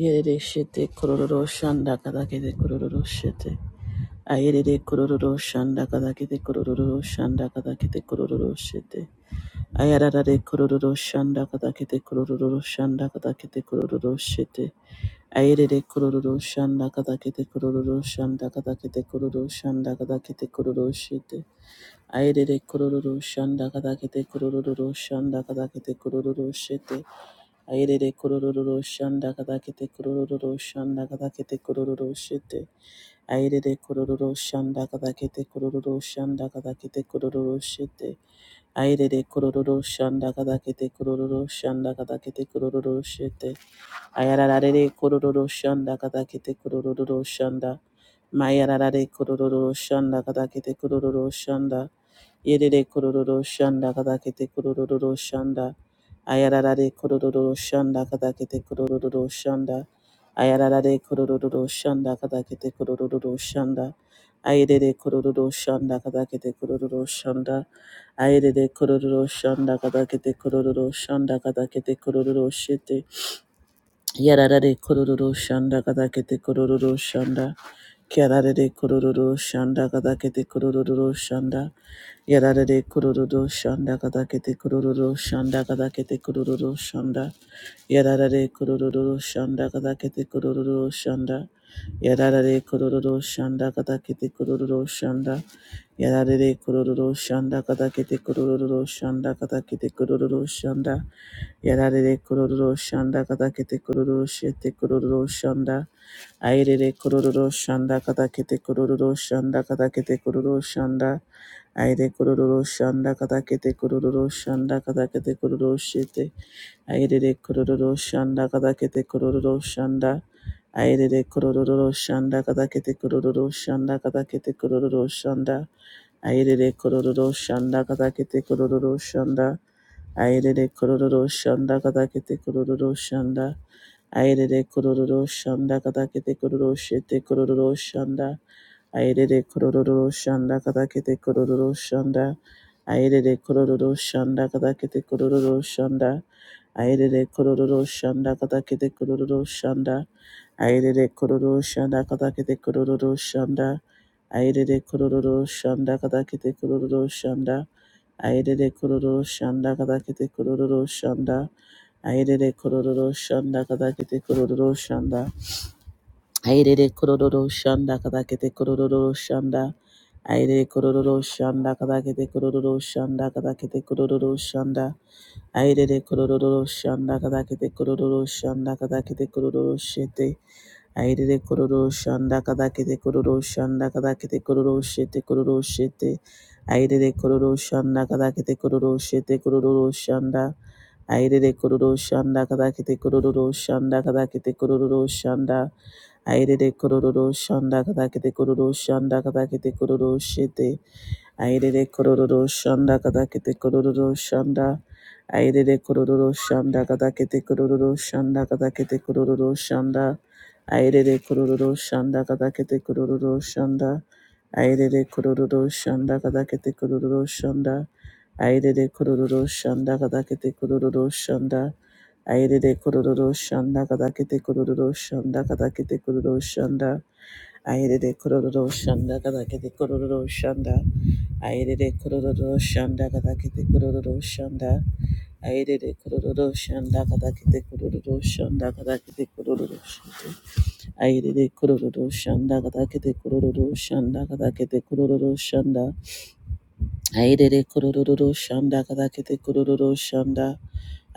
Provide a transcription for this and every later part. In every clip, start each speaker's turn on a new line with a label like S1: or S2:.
S1: Yerere shete kororo shanda kadakete kororo shete. Ayerere kororo shanda kadakete kororo shanda kadakete kororo shete. Ayararare kororo shanda kadakete kororo shanda kadakete kororo shete. Ayerere kororo shanda kadakete kororo shanda kadakete kororo shanda kadakete kororo shete. Ayerere kororo shanda kadakete kororo shanda kadakete kororo shete. Ayerere kororororo shanda kada kadakete kororororo shanda kada kadakete kororororo shete. Ayerere kororororo shanda kada kadakete kororororo shanda kada kadakete kororororo shete. Ayerere kororororo shanda kada kadakete kororororo shanda kada kadakete kororororo shete. Ayararare kororororo shanda kada kadakete kororororo shanda. Mayararare kororororo shanda kada kadakete kororororo shanda. Yerere kororo shanda kadakete kororo shanda. Ayararare kororo shanda kadakete kororo shanda. Ayararare kororo shanda kadakete kororo shanda. Ayerere kororo shanda kadakete kororo shanda. Ayerere kororo shanda kadakete kororo shanda kadakete kororo shete. Yararare kororo shanda kadakete kororo shanda. Kyararare kororo shanda kadakete kororo shanda. Yararare kurururu shanda kadakete kurururu shanda kadakete kurururu shanda. Yararare kurururu shanda kadakete kurururu shanda. Yararare kurururu shanda kadakete kurururu shanda. Yararare kurururu shanda kadakete kurururu shanda kadakete kurururu shanda. Yararare kurururu shanda kadakete kurururu shete kurururu shanda. Airere kurururu shanda kadakete kurururu shanda kadakete kurururu shanda. Aire kororo shanda kata kete kororo shanda kata kete kororo shete. Aire de kororo shanda kata kete kororo shanda. Aire de kororo shanda kata kete kororo shanda kata kete kororo shanda. Aire de kororo shanda kata kete kororo shanda. Aire de kororo shanda kata kete kororo shanda. Aire de kororo shanda kata kete kororo shete kororo shanda. Aerere kororo shanda katakete kororo shanda. Aerere kororo shanda katakete kororo shanda. Aerere kororo shanda katakete kororo shanda. Aerere kororo shanda katakete kororo shanda. Aerere kororo shanda katakete kororo shanda. Aerere kororo shanda katakete kororo shanda. Aerere kororo shanda katakete kororo shanda. Airere kororo shanda kadakete kororo shanda. Airere kororo shanda kadakete kororo shanda kadakete kororo shanda. Airere kororo shanda kadakete kororo shanda kadakete kororo shete. Airere kororo shanda kadakete kororo shanda kadakete kororo shete kororo shete. Airere kororo shanda kadakete kororo shete kororo shanda. Airere kororo shanda kadakete kororo shanda kadakete kororo shanda. Airere kororo shanda katakete kororo shanda katakete kororo shete. Airere kororo shanda katakete kororo shanda. Airere kororo shanda katakete kororo shanda katakete kororo shanda. Airere kororo shanda katakete kororo shanda. Airere kororo shanda katakete kororo shanda. Airere kororo shanda katakete kororo shanda. Aerere kororo shanda kadakete kororo shanda kadakete kororo shanda. Aerere kororo shanda kadakete kororo shanda. Aerere kororo shanda kadakete kororo shanda. Aerere kororo shanda kadakete kororo shanda kadakete kororo shanda. Aerere kororo shanda kadakete kororo shanda kadakete kororo shanda. Aerere kororo shanda kadakete kororo shanda.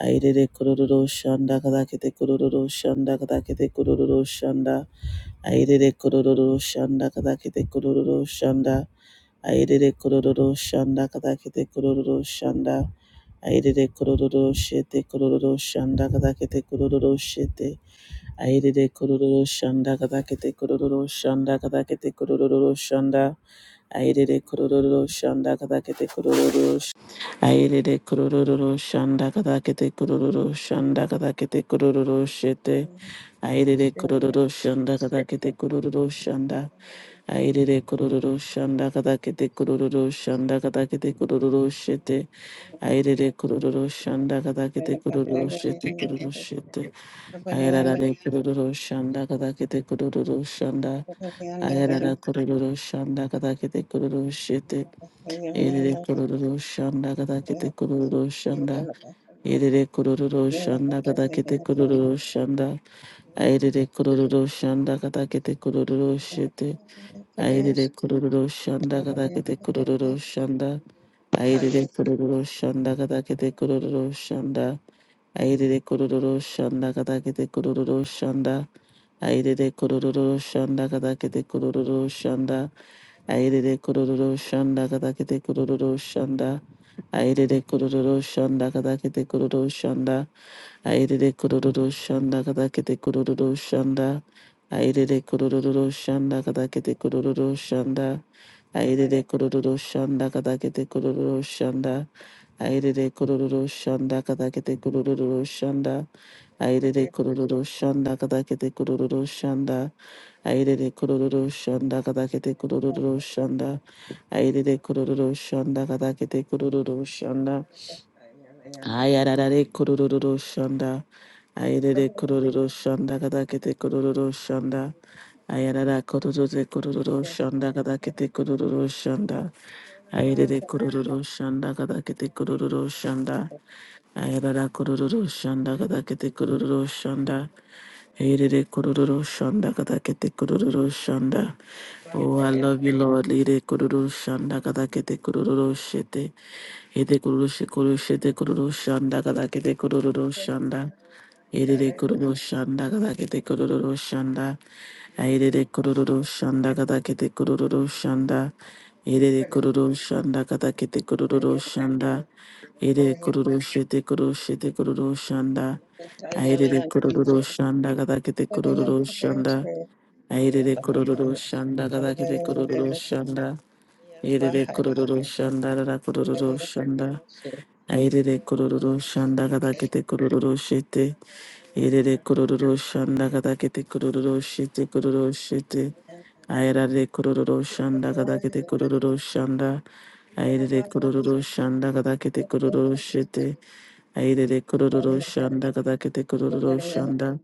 S1: Airere kororo shanda kadakete kororo shanda kadakete kororo shanda. Airere kororo shanda kadakete kororo shanda. Airere kororo shanda kadakete kororo shanda. Airere kororo shete kororo shanda kadakete kororo shete. Airere kororo shanda kadakete kororo shanda kadakete kororo shanda. Airere kororo shanda kada kete kororo sh- Airere kororo shanda kada kete kororo shanda kada kete kororo shete
S2: Pradesh,
S1: Airere kororo shanda kada kete kororo shanda Airere kororo shanda kada kete kororo shanda kada kete kororo shete Airere kororo shanda kada kete kororo shete kororo shete Airere kororo shanda kada kete kororo shanda Airere kororo shanda kada kete kororo shete Erere kororo shanda kada kete kororo shanda. Erere kororo shanda kada kete kororo shanda. Erere kororo shanda kada kete kororo shete. Erere kororo shanda kada kete kororo shanda. Erere kororo shanda kada kete kororo shanda. Erere kororo shanda kada kete kororo shanda. Erere kororo shanda kada kete kororo shanda. Airere kororo shanda katakete kororo shanda. Airere kororo shanda katakete kororo shanda. Airere kororo shanda katakete kororo shanda. Airere kororo shanda katakete kororo shanda. Airere kororo shanda katakete kororo shanda. Airere kororo shanda katakete kororo shanda. Airere kororo shanda katakete kororo shanda. Aidede kororo shanda kadakete kororo shanda.
S2: Yeah.
S1: Aidede kororo shanda kadakete kororo shanda. Ayararare kororo shanda. Aidede kororo shanda kadakete kororo shanda. Ayarara kororo de kororo shanda kadakete kororo shanda. Aidede kororo shanda kadakete kororo shanda. Ayarara kororo shanda kadakete kororo shanda. Aidede kororo shanda kadakete kororo shanda. Oh, I love you, Lord. Lide kururu shanda kada kete kururu shete. Ede kururu shikuru shete kururu shanda kada kete kururu shanda. Ede de kururu shanda
S2: Yeah.
S1: kada kete kururu shanda.
S2: Yeah.
S1: Ede de kururu shanda kada kete kururu shanda. Ede de kururu shanda kada kete kururu shanda. Ede de kururu shete kururu shete kururu shanda. Ede de kururu shanda kada kete kururu shanda. Airere kororo shanda da da kete kororo shanda. Airere kororo shanda da da kororo shanda. Airere kororo shanda da da kete kororo shete. Airere kororo shanda da da kete kororo shete kororo shete. Airere kororo shanda da da kete kororo shanda. Airere kororo shanda da da kete kororo shete. Airere kororo shanda da da kete kororo shanda.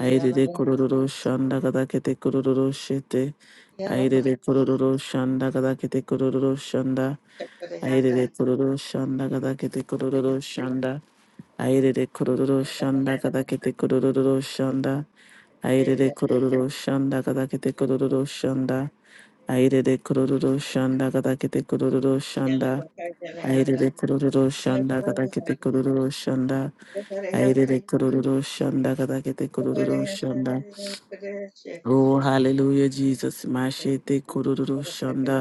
S1: Airere kororo shanda da da kete kororo shete. Aire Airere kororo shanda gada kete kororo shanda. Aire Airere kororo shanda gada kete kororo shanda. Aire Airere kororo shanda gada kete kororo shanda. Aire Airere kororo shanda gada kete kororo shanda. Aire Airere kororo shanda gada kete kororo shanda. Airere kororo shanda gada kete kororo shanda. Airere kororo shanda gada kete kororo shanda. Oh, hallelujah, Jesus. Mashete kororo shanda.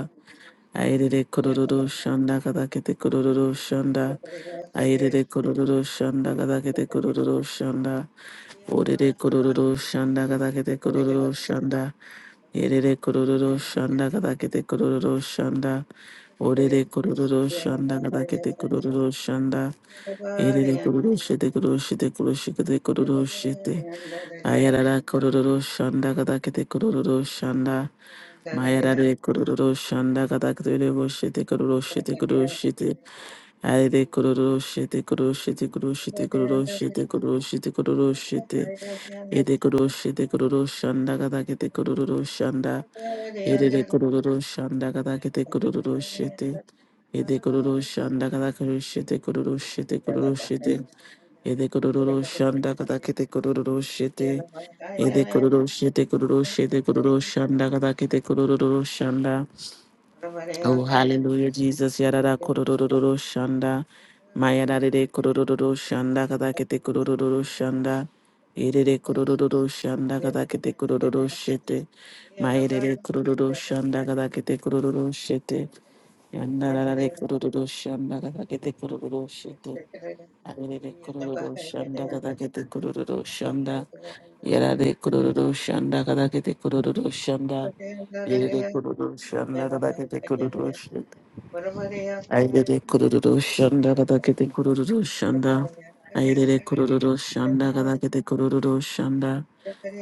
S1: Airere kororo shanda kada kete kororo shanda. Airere kororo shanda kada kete kororo shanda. Orere kororo shanda kada kete kororo shanda. Airere kororo shanda kada kete kororo shanda. Orere kororo shanda kada kete kororo shanda. Airere kororo shete kororo shete kororo shete kororo shete. Ayarara kororo shanda kada kete kororo shanda. Mayarare kururu shanda kata kuru shite kururu shite kururu shite ayare kururu shite kururu shite kururu
S2: Yeah.
S1: shite kururu shite kururu shite kururu shite ede kururu shite kururu shanda kata kete kururu shanda ede de kururu shanda kata kete kururu shite ede kururu shanda kata kuru shite kururu shite kururu shite ede kururu shanda kata kete kururu shite ede kururu shite kururu shite kururu shanda kata kete kururu shanda Oh, hallelujah, Jesus. Yarada kororo shanda. Mayadade kororo shanda kadakete kororo shanda. Irede kororo shanda kadakete kororo shete. Mayede kororo shanda kadakete kororo shete. Yandarade kororo shanda kadakete kororo shete. Arede kororo shanda kadakete kororo shanda. Yarade kororo shanda kadakete kororo shanda. Irede kororo shanda kadakete kororo shete. Aidede kururu shanda kada kete kururu shanda. Aidede kururu shanda kada kete kururu shanda.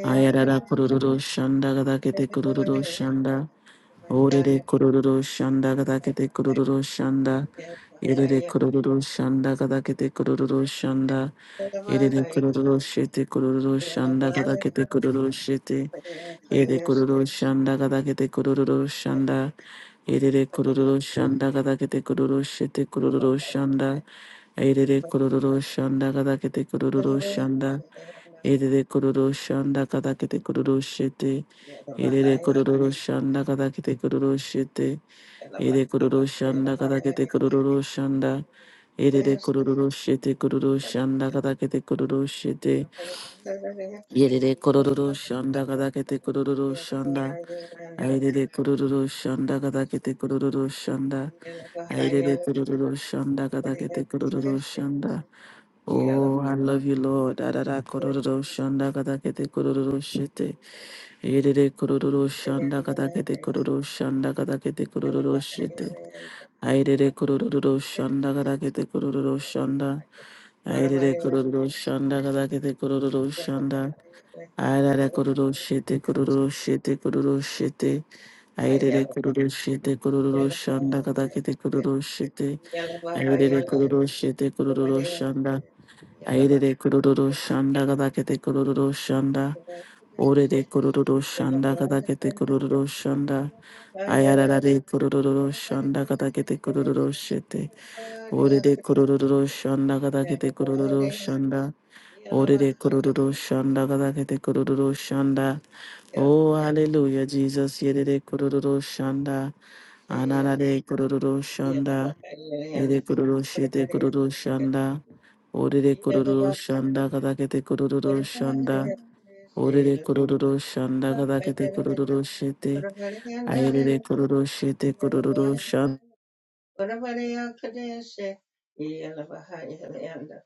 S1: Ayarara kururu shanda kada kete kururu shanda. Orede kururu shanda kada kete kururu shanda. Erede kururu shanda kada kete kururu shanda. Erede kururu shete kururu shanda kada kete
S2: Yeah.
S1: kururu shete. Ede kururu shanda kada kete kururu shanda. Erede kururu shanda kada kete kururu shete kururu shanda. Aidede kororo shanda kada kete kororo shanda. Aidede kororo shanda kada kete kororo shete. Aidede kororo shanda kada kete kororo shete. Aidede kororo shanda kada kete kororo shanda. Aidede kororo shete kororo shanda kada kete kororo shete. Aidede kororo shanda kada kete kororo shanda. Aidede kororo shanda kada kete kororo shanda. Aidede kororo shanda kada kete kororo shanda. Oh, I love you, Lord. Da da da, kororo shanda kada kete kororo shete. Erere kororo shanda kada kete kororo shanda kada kete kororo shete. Airere kororo shanda kada kete kororo shanda. Airere kororo shanda kada kete kororo shanda. Airere kororo shete kororo shete kororo shete. Airere kororo shete kororo shanda kada kete kororo shete. Airere kororo shete kororo shanda Aire de kururu shanda gada kete kururu shanda. Ore
S2: Yeah.
S1: de kururu
S2: Yeah.
S1: shanda gada kete kururu shanda. Ayarara de kururu shanda gada kete kururu shete. Ore de kururu shanda gada kete kururu shanda. Ore de kururu shanda gada kete kururu shanda. Oh, hallelujah, Jesus. Yere de kururu shanda. Anana de kururu shanda. Ere kururu shete kururu shanda. Orere kororo shanda kadakete kororo shanda. Orere kororo shanda kadakete kororo shete. Airere kororo shete kororo shanda.
S2: Orabariya Kadeshe Yelabaha Yelayanda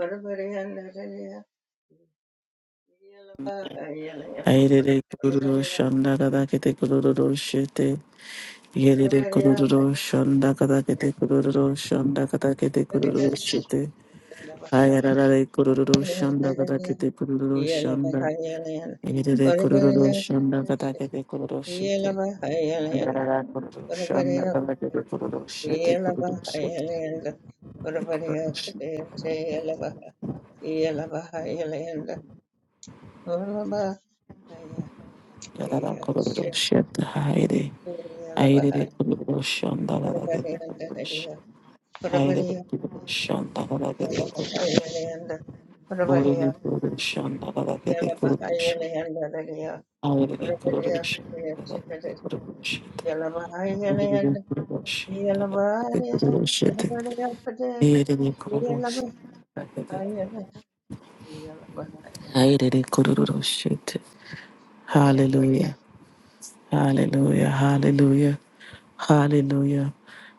S2: Orabariyanda Daya Yelabaha Yelayanda
S1: Airere kororo
S2: Orabariya
S1: shanda kadakete kororo shete. Yerere
S2: Orabariya
S1: kororo
S2: Kadeshe
S1: shanda kadakete kororo shanda kadakete kororo
S2: Orabariya
S1: shete. Ayararare kororo shanda
S2: Kadeshe
S1: kadakete
S2: Yelabaha Yelayanda
S1: kororo shanda.
S2: Yelavahayalayan,
S1: Yerere kororo
S2: Orivariya
S1: shanda
S2: Kadesh,
S1: kadakete kororo shete.
S2: Yelavahayalayan,
S1: Yarara kururu shanda
S2: Orivariya Kadesh,
S1: kururu kururu shete kururu shete
S2: Yelavahayalayan,
S1: kururu
S2: Orivariya
S1: shete
S2: Kadesh, Yelavah, Yelavahayalayan, Yes,
S1: yarara kururu shete haire haire re kururu shanda la gete kururu shete haire re kururu shanda la gete kururu shete bore re
S2: Lord.
S1: kururu shanda la gete kururu shete haire re kururu shanda la gete kururu shete bore re kururu shanda la gete kururu shete haire re kururu shanda la gete kururu shete. Hallelujah. Hallelujah, hallelujah, hallelujah.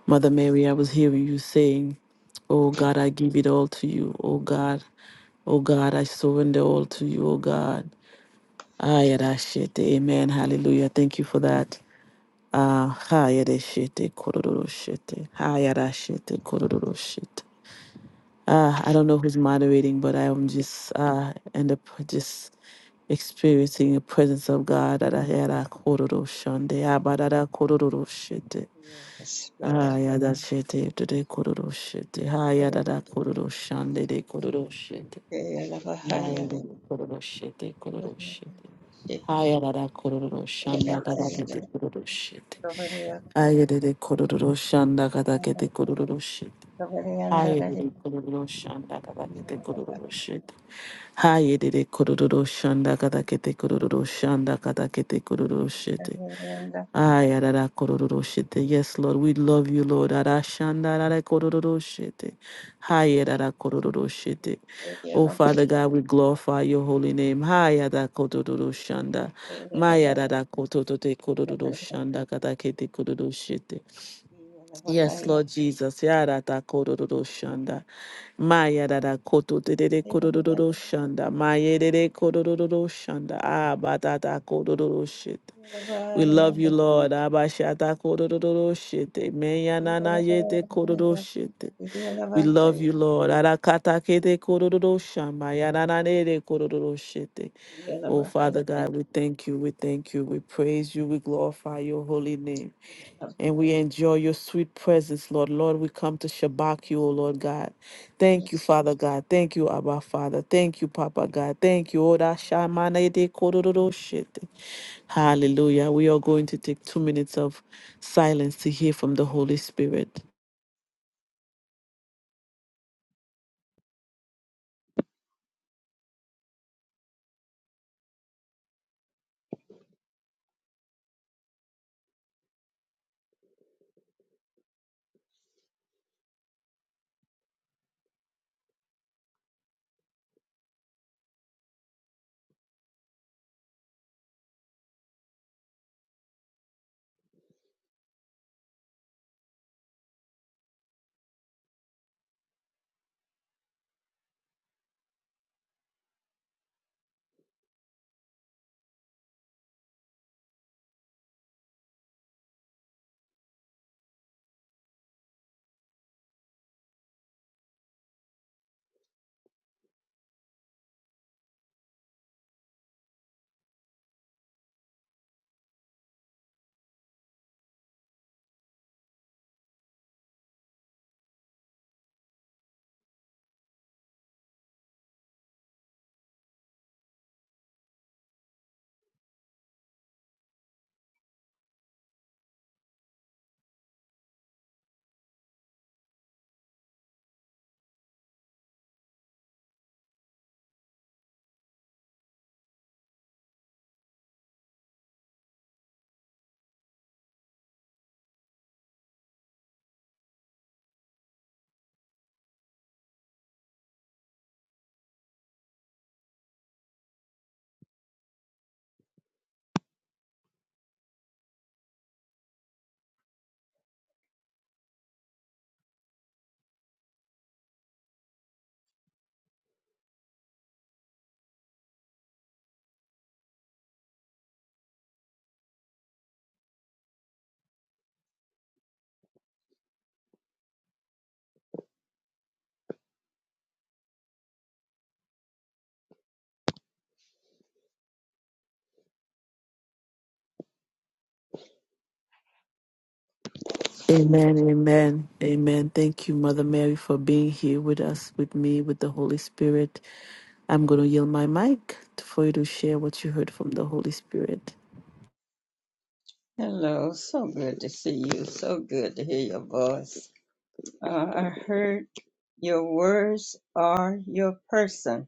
S1: Mother Mary, I was hearing you saying, Oh God, I give it all to you. Oh God, oh God, I surrender all to you, oh God. ayarashete, Amen. Hallelujah. Thank you for that. Ah, ha, yeah, that shit. yeah, uh, I don't know who's moderating, but I am just uh, end up just experiencing the presence of God. that I had a kororo shande, ah, ba da da kororo shete. Ah, ya da shete, to de kororo shete. Ah, ya da da kororo shande, de kororo shete. Ah, ya da da kororo shete,
S2: Yellow
S1: kororo shete.
S2: Bahai,
S1: Ah, ya da da kororo shanda, ga da ke te kororo shete. Ah, ya da de kororo shanda, ga da ke te kororo shete. Ah, ya da de kororo shanda, ga da ke te kororo shete. Hayedede kororo shanda kada kete kororo shanda kada kete kororo shete. Ayarara kororo shete. Yes, Lord, we love you, Lord. Ara shanda rara kororo shete. Hayarara kororo shete. Oh, Father God, we glorify your holy name. Hayada kororo shanda. Mayarara kototote kororo shanda kada kete kororo shete. Yes, Lord Jesus. Yarata kororo shanda. Maya dada koto de de de koto shanda. Maya de de koto do shanda. Abba da da koto do shit. We love you, Lord. Abba shata koto do shit. Meya nana
S2: Yellow
S1: yete koto do shit. We love
S2: Bahai,
S1: you, Lord. Arakata kete koto do do shamba. Ya na na ne shit.
S2: Yellow
S1: Oh Father God, we thank you. We thank you. We praise you. We glorify your holy name and we
S2: Bahai.
S1: enjoy your sweet presence, Lord. Lord, we come to shabak you, O Lord God. Thank you,
S2: Yes.
S1: Father God. Thank you, Abba Father. Thank you, Papa God. Thank you. Oda shamane de kororo shete. Hallelujah. We are going to take two minutes of silence to hear from the Holy Spirit. Amen, amen, amen. Thank you, Mother Mary, for being here with us, with me, with the Holy Spirit. I'm going to yield my mic for you to share what you heard from the Holy Spirit.
S2: Hello, so good to see you. So good to hear your voice. Uh, I heard your words are your person.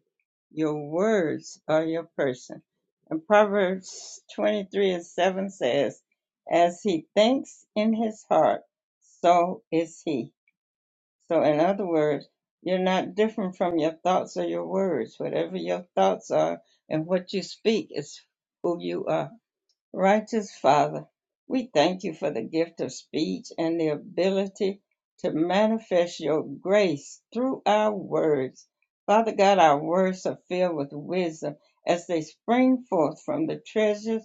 S2: Your words are your person. And Proverbs 23 and 7 says, As he thinks in his heart, so is he. So, in other words, you're not different from your thoughts or your words. Whatever your thoughts are and what you speak is who you are. Righteous Father, we thank you for the gift of speech and the ability to manifest your grace through our words. Father God, our words are filled with wisdom as they spring forth from the treasures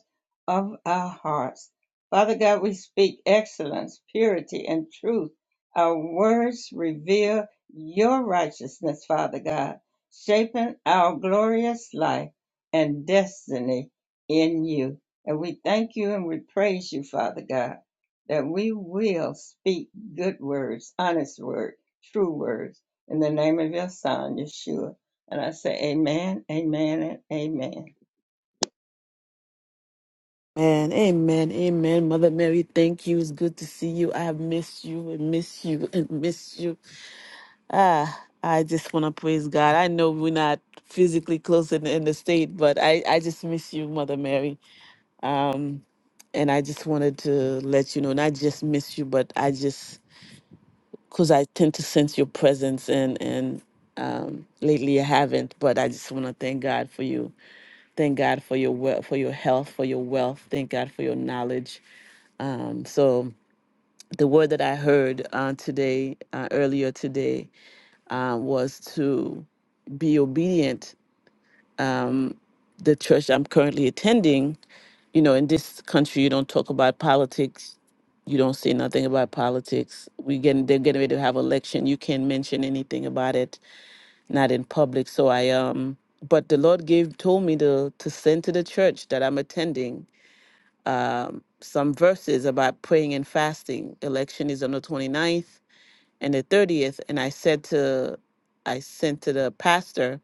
S2: of our hearts. Father God, we speak excellence, purity, and truth. Our words reveal your righteousness, Father God, shaping our glorious life and destiny in you. And we thank you and we praise you, Father God, that we will speak good words, honest words, true words, in the name of your Son, Yeshua. And I say, Amen, Amen, and Amen.
S1: Amen, amen, amen. Mother Mary, thank you. It's good to see you. I have missed you and missed you and missed you. Ah, I just want to praise God. I know we're not physically close in, in the state, but I, I just miss you, Mother Mary. Um, and I just wanted to let you know, not just miss you, but I just, because I tend to sense your presence and, and, um, lately I haven't, but I just want to thank God for you. Thank God for your wealth, for your health, for your wealth. Thank God for your knowledge Um, so the word that I heard uh, today, uh, earlier today, uh, was to be obedient. Um, the church I'm currently attending, you know, in this country, you don't talk about politics. You don't say nothing about politics. We getting they're getting ready to have election. You can't mention anything about it, not in public. So I um, but the Lord gave told me to to send to the church that I'm attending um, some verses about praying and fasting. Election is on the twenty ninth. and the 30th and i said to i sent to the pastor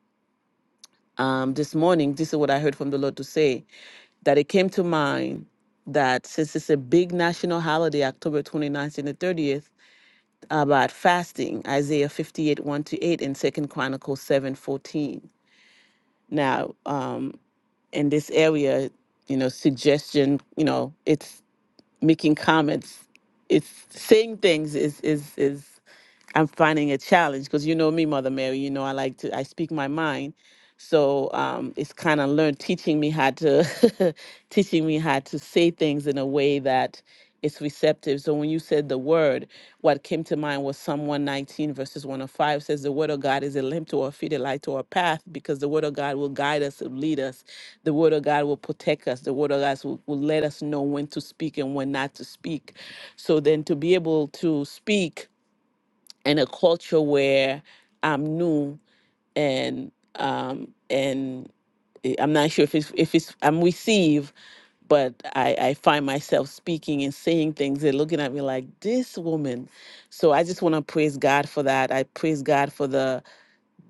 S1: um, this morning this is what i heard from the lord to say that it came to mind that since it's a big national holiday october 29th and the 30th about fasting isaiah 58 1 to 8 and second chronicles 7 14. now um, in this area you know suggestion you know it's making comments it's saying things is is is I'm finding a challenge because you know me, Mother Mary. You know I like to I speak my mind, so um, it's kind of learned teaching me how to teaching me how to say things in a way that it's receptive. So when you said the word, what came to mind was Psalm 119 verses one to five says the word of God is a lamp to our feet, a light to our path, because the word of God will guide us, will lead us. The word of God will protect us. The word of God will, will let us know when to speak and when not to speak. So then to be able to speak and a culture where I'm new and um and eh, I'm not sure if it's if it's I'm receive, but I I find myself speaking and saying things. They're looking at me like this woman. So I just want to praise God for that. I praise God for the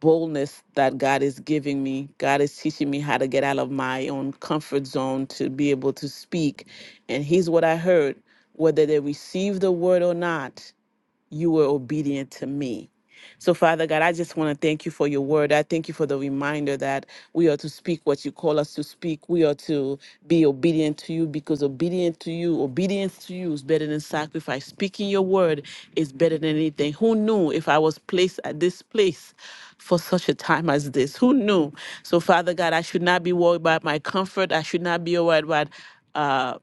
S1: boldness that God is giving me. God is teaching me how to get out of my own comfort zone to be able to speak. And here's what I heard: whether they receive the word or not you were obedient to me. So, Father God, I just want to thank you for your word. I thank you for the reminder that we are to speak what you call us to speak. We are to be obedient to you because obedient to you, obedience to you is better than sacrifice. Speaking your word is better than anything. Who knew if I was placed at this place for such a time as this? Who knew? So, Father God, I should not be worried about my comfort. I should not be worried about. uh,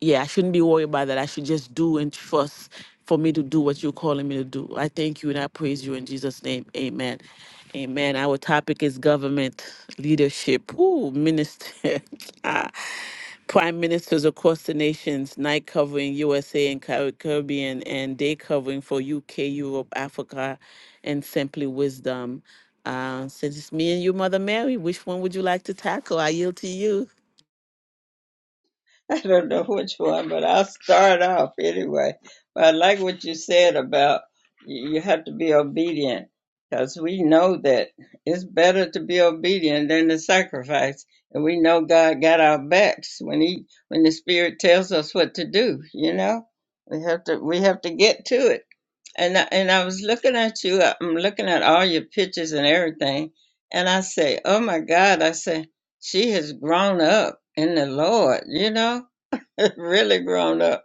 S1: yeah, I shouldn't be worried about that. I should just do and trust for me to do what you're calling me to do. I thank you and I praise you in Jesus' name. Amen. Amen. Our topic is government leadership. Ooh, minister. Ah, Prime ministers across the nations, night covering USA and Car- Caribbean, and day covering for UK, Europe, Africa, and Simply Wisdom. Uh, since it's me and you, Mother Mary, which one would you like to tackle? I yield to you.
S2: I don't know which one, but I'll start off anyway. But I like what you said about you you have to be obedient because we know that it's better to be obedient than to sacrifice. And we know God got our backs when he when the spirit tells us what to do, you know? We have to we have to get to it. And I, and I was looking at you, I'm looking at all your pictures and everything, and I say, "Oh my God," I say, "She has grown up in the Lord," you know? really grown up.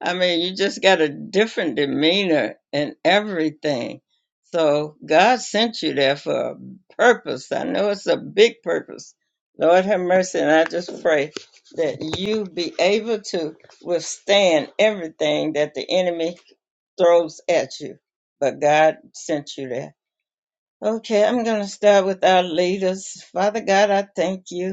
S2: I mean, you just got a different demeanor and everything. So God sent you there for a purpose. I know it's a big purpose. Lord have mercy, and I just pray that you be able to withstand everything that the enemy throws at you. But God sent you there. Okay, I'm going to start with our leaders. Father God, I thank you.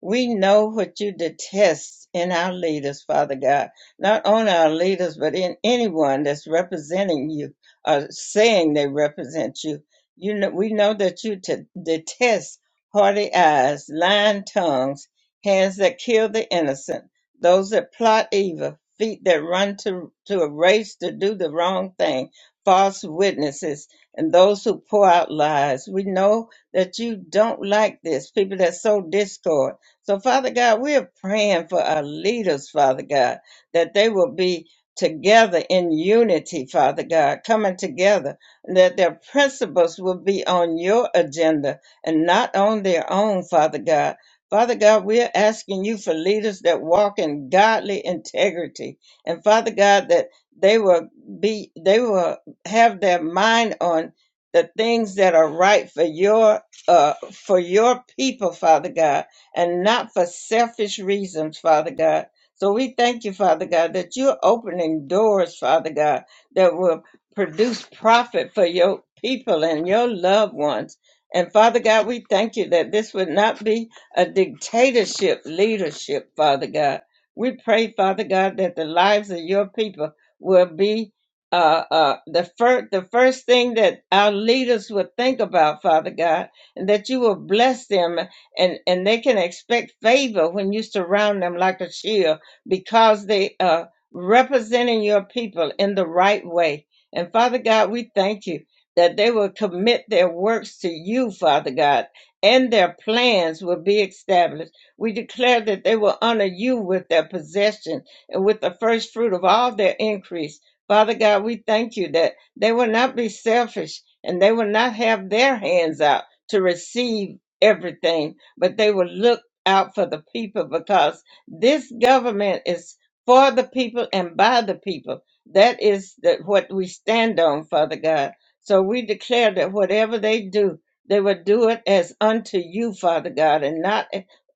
S2: We know what you detest in our leaders, Father God. Not only our leaders, but in anyone that's representing you or saying they represent you. You know, we know that you t- detest haughty eyes, lying tongues, hands that kill the innocent, those that plot evil, feet that run to, to a race to do the wrong thing, false witnesses, and those who pour out lies. We know that you don't like this, people that sow discord so, Father God, we're praying for our leaders, Father God, that they will be together in unity, Father God, coming together, and that their principles will be on your agenda and not on their own, Father God. Father God, we're asking you for leaders that walk in godly integrity. And Father God, that they will be, they will have their mind on the things that are right for your, uh, for your people, Father God and not for selfish reasons, Father God. So we thank you, Father God, that you're opening doors, Father God, that will produce profit for your people and your loved ones. And Father God, we thank you that this would not be a dictatorship leadership, Father God. We pray, Father God, that the lives of your people will be uh, uh, the, fir- the first thing that our leaders will think about, Father God, and that you will bless them and and they can expect favor when you surround them like a shield because they are representing your people in the right way and father god we thank you that they will commit their works to you father god and their plans will be established we declare that they will honor you with their possession and with the first fruit of all their increase father god we thank you that they will not be selfish and they will not have their hands out to receive everything but they will look out for the people because this government is for the people and by the people. That is the, what we stand on, Father God. So we declare that whatever they do, they will do it as unto you, Father God, and not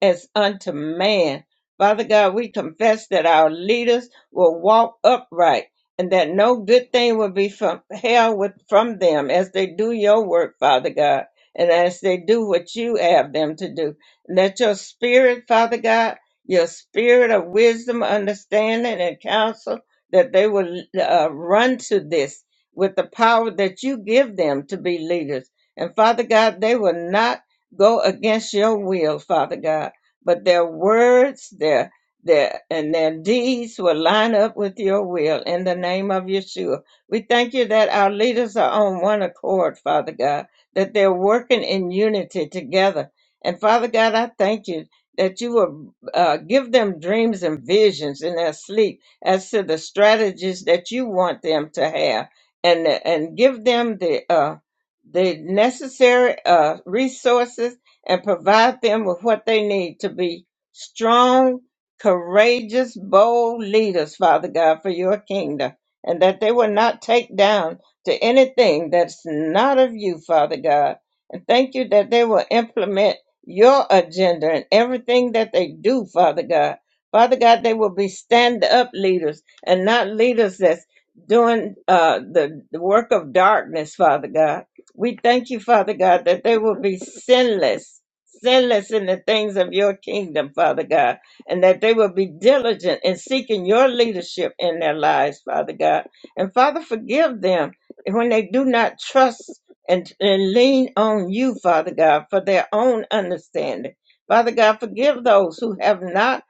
S2: as unto man. Father God, we confess that our leaders will walk upright and that no good thing will be from held with from them as they do your work, Father God and as they do what you have them to do. Let your spirit, Father God, your spirit of wisdom, understanding, and counsel, that they will uh, run to this with the power that you give them to be leaders. And Father God, they will not go against your will, Father God, but their words, their their and their deeds will line up with your will in the name of Yeshua. We thank you that our leaders are on one accord, Father God that they're working in unity together. And Father God, I thank you that you will uh, give them dreams and visions in their sleep as to the strategies that you want them to have, and and give them the uh, the necessary uh, resources and provide them with what they need to be strong, courageous, bold leaders, Father God, for your kingdom, and that they will not take down to anything that's not of you, Father God. And thank you that they will implement your agenda and everything that they do, Father God. Father God, they will be stand up leaders and not leaders that's doing uh, the, the work of darkness, Father God. We thank you, Father God, that they will be sinless, sinless in the things of your kingdom, Father God, and that they will be diligent in seeking your leadership in their lives, Father God. And Father, forgive them when they do not trust and, and lean on you, Father God, for their own understanding. Father God, forgive those who have not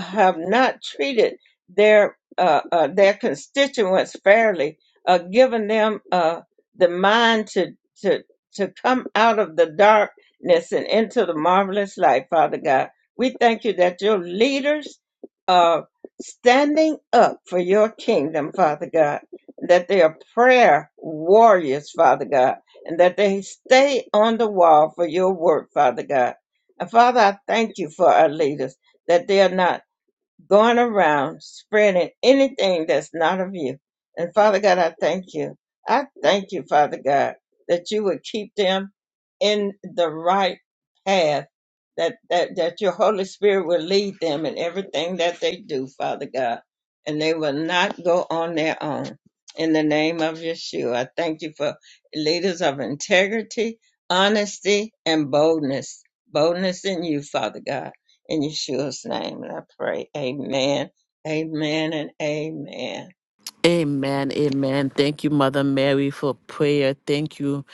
S2: have not treated their uh, uh, their constituents fairly, uh, given them uh, the mind to to to come out of the darkness and into the marvelous light, Father God. We thank you that your leaders are standing up for your kingdom, Father God, that they are prayer warriors, Father God, and that they stay on the wall for your work, Father God. And Father, I thank you for our leaders that they are not going around spreading anything that's not of you. And Father God, I thank you. I thank you, Father God, that you would keep them in the right path, that, that, that your Holy Spirit will lead them in everything that they do, Father God, and they will not go on their own. In the name of Yeshua, I thank you for leaders of integrity, honesty, and boldness. Boldness in you, Father God. In Yeshua's name, and I pray. Amen, amen, and amen.
S1: Amen. Amen. Thank you, Mother Mary, for prayer. Thank you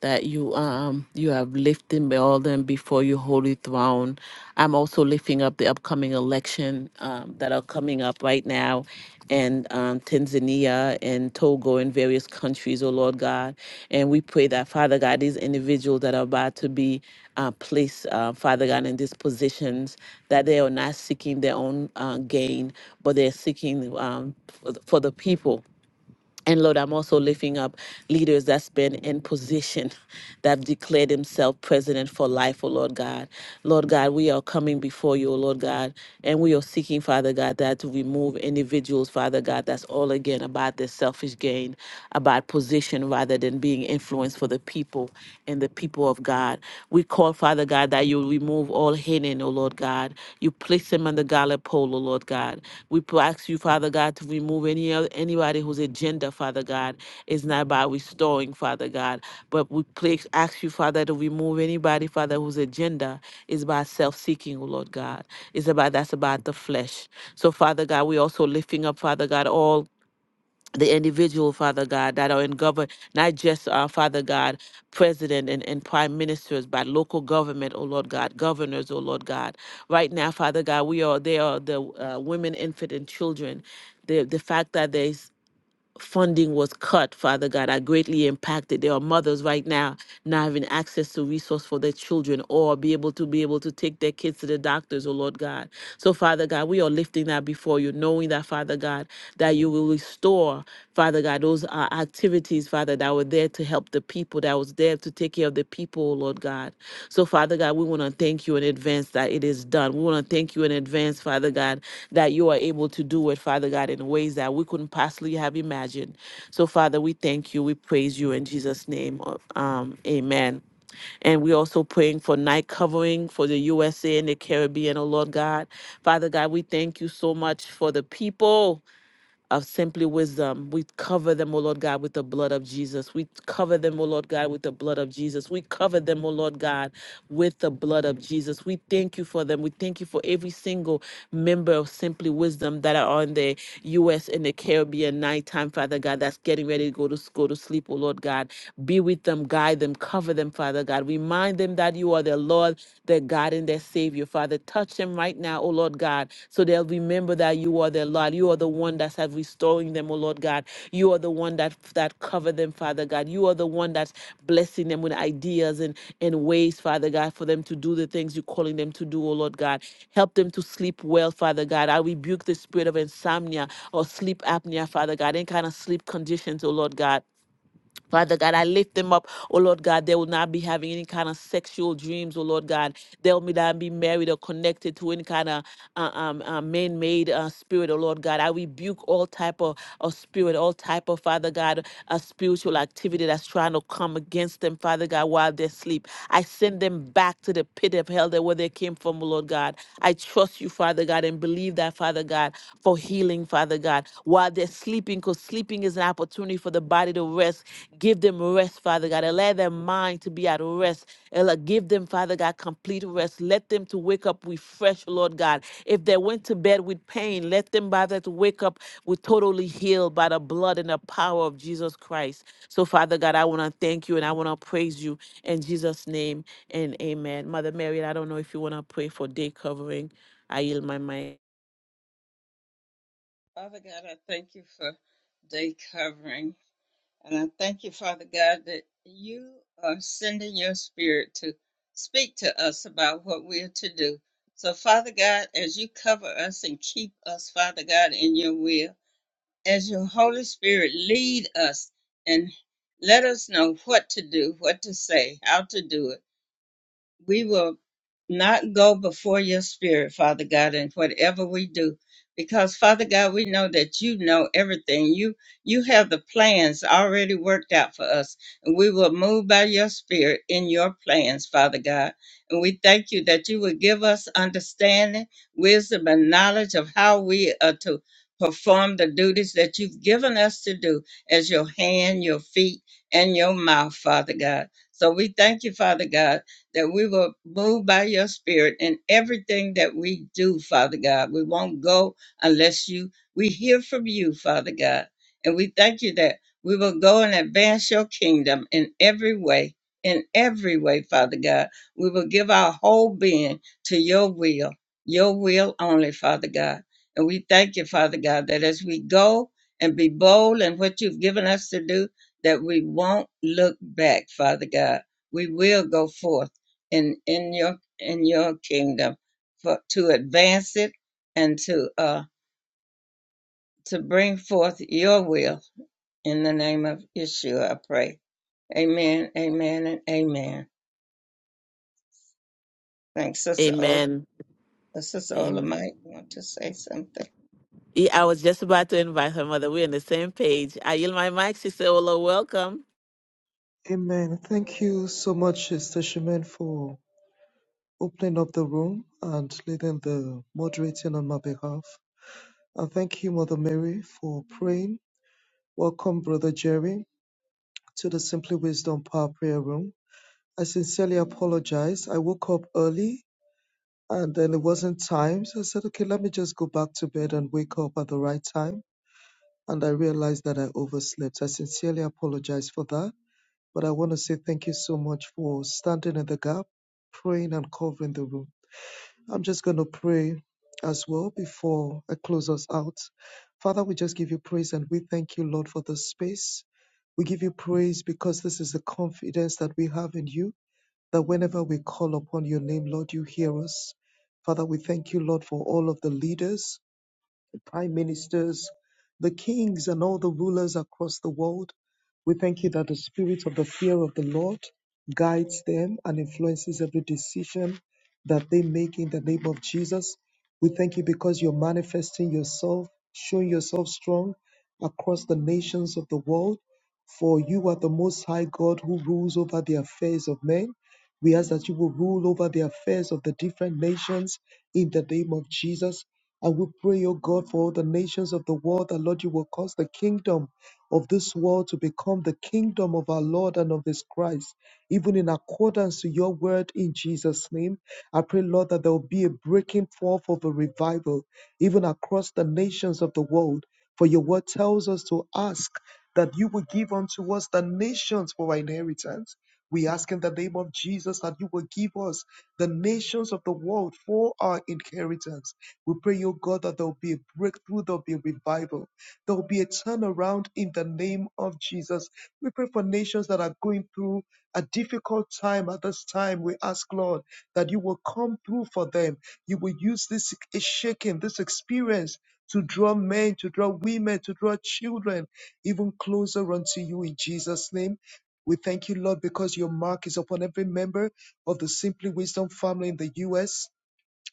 S1: that you um you have lifted all them before your holy throne. I'm also lifting up the upcoming election um, that are coming up right now in um, Tanzania and Togo and various countries, oh Lord God. And we pray that, Father God, these individuals that are about to be uh, placed, uh, Father God, in these positions, that they are not seeking their own uh, gain, but they're seeking um, for the for the people. And Lord, I'm also lifting up leaders that's been in position that have declared themselves president for life, oh Lord God. Lord God, we are coming before you, oh Lord God, and we are seeking, Father God, that to remove individuals, Father God, that's all again about their selfish gain, about position rather than being influenced for the people people and the people of God. We call, Father God, that you remove all hidden, O Lord God. You place them on the gallop pole, O Lord God. We ask you, Father God, to remove any oth- anybody whose agenda, Father God, is not about restoring, Father God. But we place, ask you, Father, to remove anybody, Father, whose agenda is about self-seeking, O Lord God. It's about that's about the flesh. So, Father God, we also lifting up, Father God, all the individual, Father God, that are in government, not just, uh, Father God, president and, and prime ministers, but local government, oh Lord God, governors, oh Lord God. Right now, Father God, we are, they are the uh, women, infant, and children. The, the fact that they funding was cut, Father God, are greatly impacted. There are mothers right now not having access to resource for their children or be able to be able to take their kids to the doctors, oh Lord God. So, Father God, we are lifting that before you, knowing that, Father God, that you will restore, Father God, those uh, activities, Father, that were there to help the people, that was there to take care of the people, oh, Lord God. So, Father God, we want to thank you in advance that it is done. We want to thank you in advance, Father God, that you are able to do it, Father God, in ways that we couldn't possibly have imagined. So, Father, we thank you. We praise you in Jesus' name. uh, Um, amen. And we're also praying for night covering for the USA and the Caribbean, oh Lord God. Father God, we thank you so much for the people of simply wisdom. We cover them, O Lord God, with the blood of Jesus. We cover them, O Lord God, with the blood of Jesus. We cover them, O Lord God, with the blood of Jesus. We thank you for them. We thank you for every single member of Simply Wisdom that are on the U.S. and the Caribbean nighttime, Father God, that's getting ready to go to go to sleep, O Lord God. Be with them, guide them, cover them, Father God. Remind them that you are their Lord their God and their Savior. Father, touch them right now, oh Lord God, so they'll remember that you are their Lord. You are the one that's have restoring them, oh Lord God. You are the one that that cover them, Father God. You are the one that's blessing them with ideas and, and ways, Father God, for them to do the things you're calling them to do, oh Lord God. Help them to sleep well, Father God. I rebuke the spirit of insomnia or sleep apnea, Father God, any kind of sleep conditions, oh Lord God. Father God, I lift them up. Oh Lord God, they will not be having any kind of sexual dreams. Oh Lord God, they'll be not be married or connected to any kind of uh, um, uh, man-made uh, spirit. Oh Lord God, I rebuke all type of, of spirit, all type of Father God, uh, spiritual activity that's trying to come against them, Father God, while they sleep. I send them back to the pit of hell that where they came from. Oh Lord God, I trust you, Father God, and believe that Father. Father God, for healing, Father God, while they're sleeping, because sleeping is an opportunity for the body to rest. Give them rest, Father God. Allow their mind to be at rest. Ella, give them, Father God, complete rest. Let them to wake up refreshed, Lord God. If they went to bed with pain, let them by that wake up with totally healed by the blood and the power of Jesus Christ. So, Father God, I want to thank you and I want to praise you in Jesus' name and amen. Mother Mary, I don't know if you want to pray for day covering. I yield my mind.
S2: Father God, I thank you for day covering. And I thank you, Father God, that you are sending your spirit to speak to us about what we are to do. So, Father God, as you cover us and keep us, Father God, in your will. as your Holy Spirit lead us and let us know what to do, what to say, how to do it we will not go before your spirit, Father God, in whatever we do. Because Father God, we know that you know everything. You you have the plans already worked out for us. And we will move by your spirit in your plans, Father God. And we thank you that you will give us understanding, wisdom, and knowledge of how we are to perform the duties that you've given us to do as your hand, your feet, and your mouth, Father God. So we thank you, Father God that we will move by your spirit in everything that we do, Father God. We won't go unless you we hear from you, Father God. And we thank you that we will go and advance your kingdom in every way. In every way, Father God, we will give our whole being to your will, your will only, Father God. And we thank you, Father God, that as we go and be bold in what you've given us to do, that we won't look back, Father God. We will go forth in in your in your kingdom for to advance it and to uh to bring forth your will in the name of Yeshua I pray. Amen, amen, and amen. Thanks, Sister Ola.
S1: Amen.
S2: Sister Ola
S1: Amen.
S2: might want to say something.
S1: Yeah, I was just about to invite her mother. We're on the same page. I yield my mic, Sister Ola. Welcome.
S3: Amen. Thank you so much, Sister Shimen, for opening up the room and leading the moderating on my behalf. And thank you, Mother Mary, for praying. Welcome, Brother Jerry, to the Simply Wisdom Power Prayer Room. I sincerely apologize. I woke up early and then it wasn't time. So I said, okay, let me just go back to bed and wake up at the right time. And I realized that I overslept. I sincerely apologize for that. But I want to say thank you so much for standing in the gap, praying and covering the room. I'm just going to pray as well before I close us out. Father, we just give you praise and we thank you, Lord, for this space. We give you praise because this is the confidence that we have in you, that whenever we call upon your name, Lord, you hear us. Father, we thank you, Lord, for all of the leaders the prime ministers, the kings, and all the rulers across the world. We thank you that the spirit of the fear of the Lord guides them and influences every decision that they make in the name of Jesus. We thank you because you're manifesting yourself, showing yourself strong across the nations of the world. For you are the Most High God who rules over the affairs of men. We ask that you will rule over the affairs of the different nations in the name of Jesus. And we pray, O God, for all the nations of the world, that Lord, you will cause the kingdom of this world to become the kingdom of our Lord and of his Christ, even in accordance to your word in Jesus' name. I pray, Lord, that there will be a breaking forth of a revival, even across the nations of the world. For your word tells us to ask that you will give unto us the nations for our inheritance. We ask in the name of Jesus that you will give us the nations of the world for our inheritance. We pray, oh God, that there will be a breakthrough, there will be a revival, there will be a turnaround in the name of Jesus. We pray for nations that are going through a difficult time at this time. We ask, Lord, that you will come through for them. You will use this shaking, this experience to draw men, to draw women, to draw children even closer unto you in Jesus' name. We thank you, Lord, because your mark is upon every member of the Simply Wisdom family in the U.S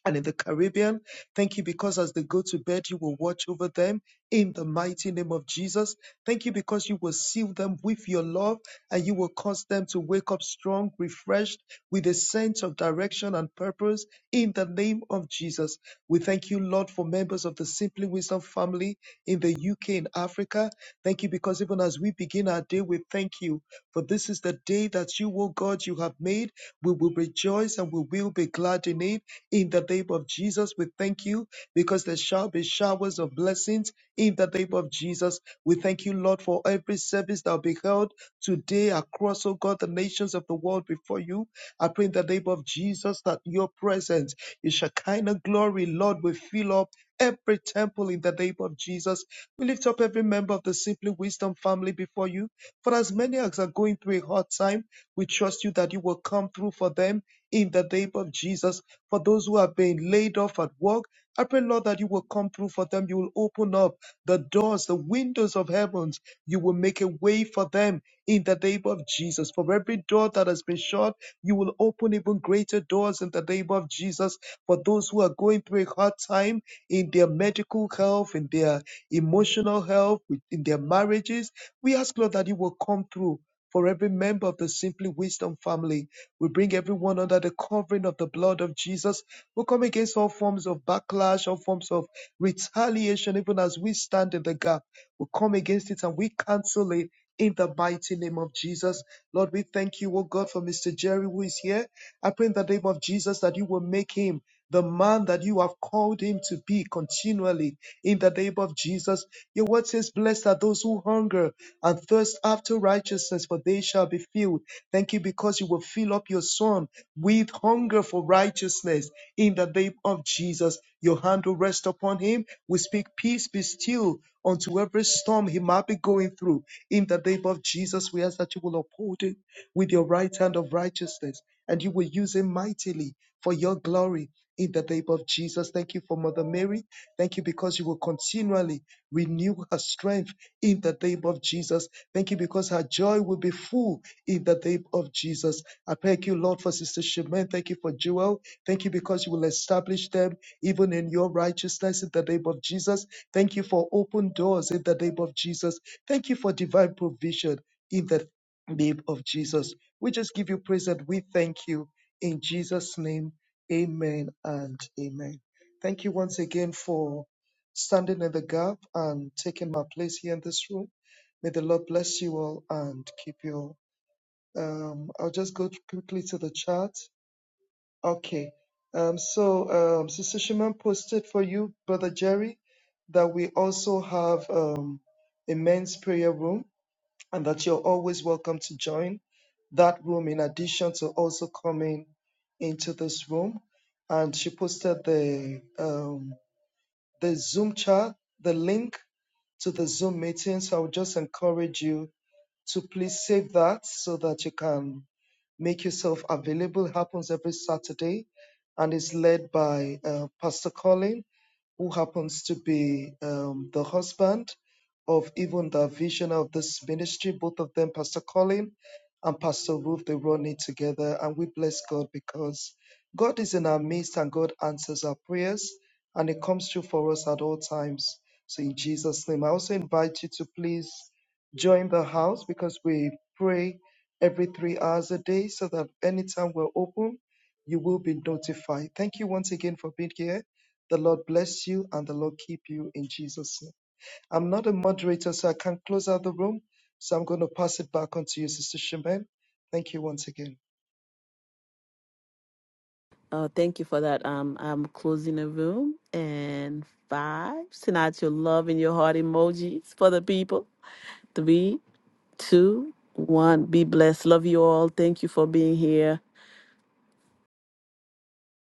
S3: and in the Caribbean. Thank you because as they go to bed, you will watch over them in the mighty name of Jesus. Thank you because you will seal them with your love and you will cause them to wake up strong, refreshed with a sense of direction and purpose in the name of Jesus. We thank you, Lord, for members of the Simply Wisdom family in the UK and Africa. Thank you because even as we begin our day, we thank you for this is the day that you, O God, you have made. We will rejoice and we will be glad in it. In the name of Jesus, we thank you because there shall be showers of blessings. In the name of Jesus, we thank you, Lord, for every service that will be held today across, oh God, the nations of the world before you. I pray in the name of Jesus that your presence, your Shekinah glory, Lord, will fill up every temple in the name of Jesus. We lift up every member of the Simply Wisdom family before you. For as many as are going through a hard time, we trust you that you will come through for them in the name of Jesus. For those who are being laid off at work, I pray, Lord, that you will come through for them. You will open up the doors, the windows of heavens. You will make a way for them in the name of Jesus. For every door that has been shut, you will open even greater doors in the name of Jesus. For those who are going through a hard time in their medical health, in their emotional health, with- in their marriages, we ask, Lord, that you will come through for every member of the Simply Wisdom family we bring everyone under the covering of the blood of Jesus. We come against all forms of backlash, all forms of retaliation, even as we stand in the gap. We come against it and we cancel it in the mighty name of Jesus. Lord, we thank you, oh God, for Mr. Jerry who is here. I pray in the name of Jesus that you will make him the man that you have called him to be continually in the name of Jesus. Your word says, Blessed are those who hunger and thirst after righteousness, for they shall be filled. Thank you because you will fill up your son with hunger for righteousness in the name of Jesus. Your hand will rest upon him. We speak peace be still unto every storm he might be going through. In the name of Jesus, we ask that you will uphold him with your right hand of righteousness and you will use him mightily for your glory. In the name of Jesus, thank you for Mother Mary. Thank you because you will continually Renew her strength in the name of Jesus. Thank you because her joy will be full in the name of Jesus. I thank you, Lord, for Sister Shemin. Thank you for Joel. Thank you because you will establish them even in your righteousness in the name of Jesus. Thank you for open doors in the name of Jesus. Thank you for divine provision in the name of Jesus. We just give you praise and we thank you in Jesus' name. Amen and amen. Thank you once again for standing in the gap and taking my place here in this room. May the Lord bless you all and keep you all. Um, I'll just go quickly to the chat. Okay. Um, so, um, Sister Shimon posted for you, Brother Jerry, that we also have um, a men's prayer room and that you're always welcome to join that room in addition to also coming into this room. And she posted the um, the Zoom chat, the link to the Zoom meeting. So I would just encourage you to please save that so that you can make yourself available. It happens every Saturday and is led by uh, Pastor Colin who happens to be um, the husband of even the visionary of this ministry, both of them, Pastor Colin and Pastor Ruth, they run it together. And we bless God because God is in our midst and God answers our prayers and it comes through for us at all times. So, in Jesus' name, I also invite you to please join the house because we pray every three hours a day so that anytime we're open, you will be notified. Thank you once again for being here. The Lord bless you and the Lord keep you in Jesus' name. I'm not a moderator, so I can't close out the room. So I'm going to pass it back on to you, Sister Shemin. Thank you once again.
S1: Oh, thank you for that. Um, I'm closing the room and five. Send out your love and your heart emojis for the people. Three, two, one. Be blessed. Love you all. Thank you for being here.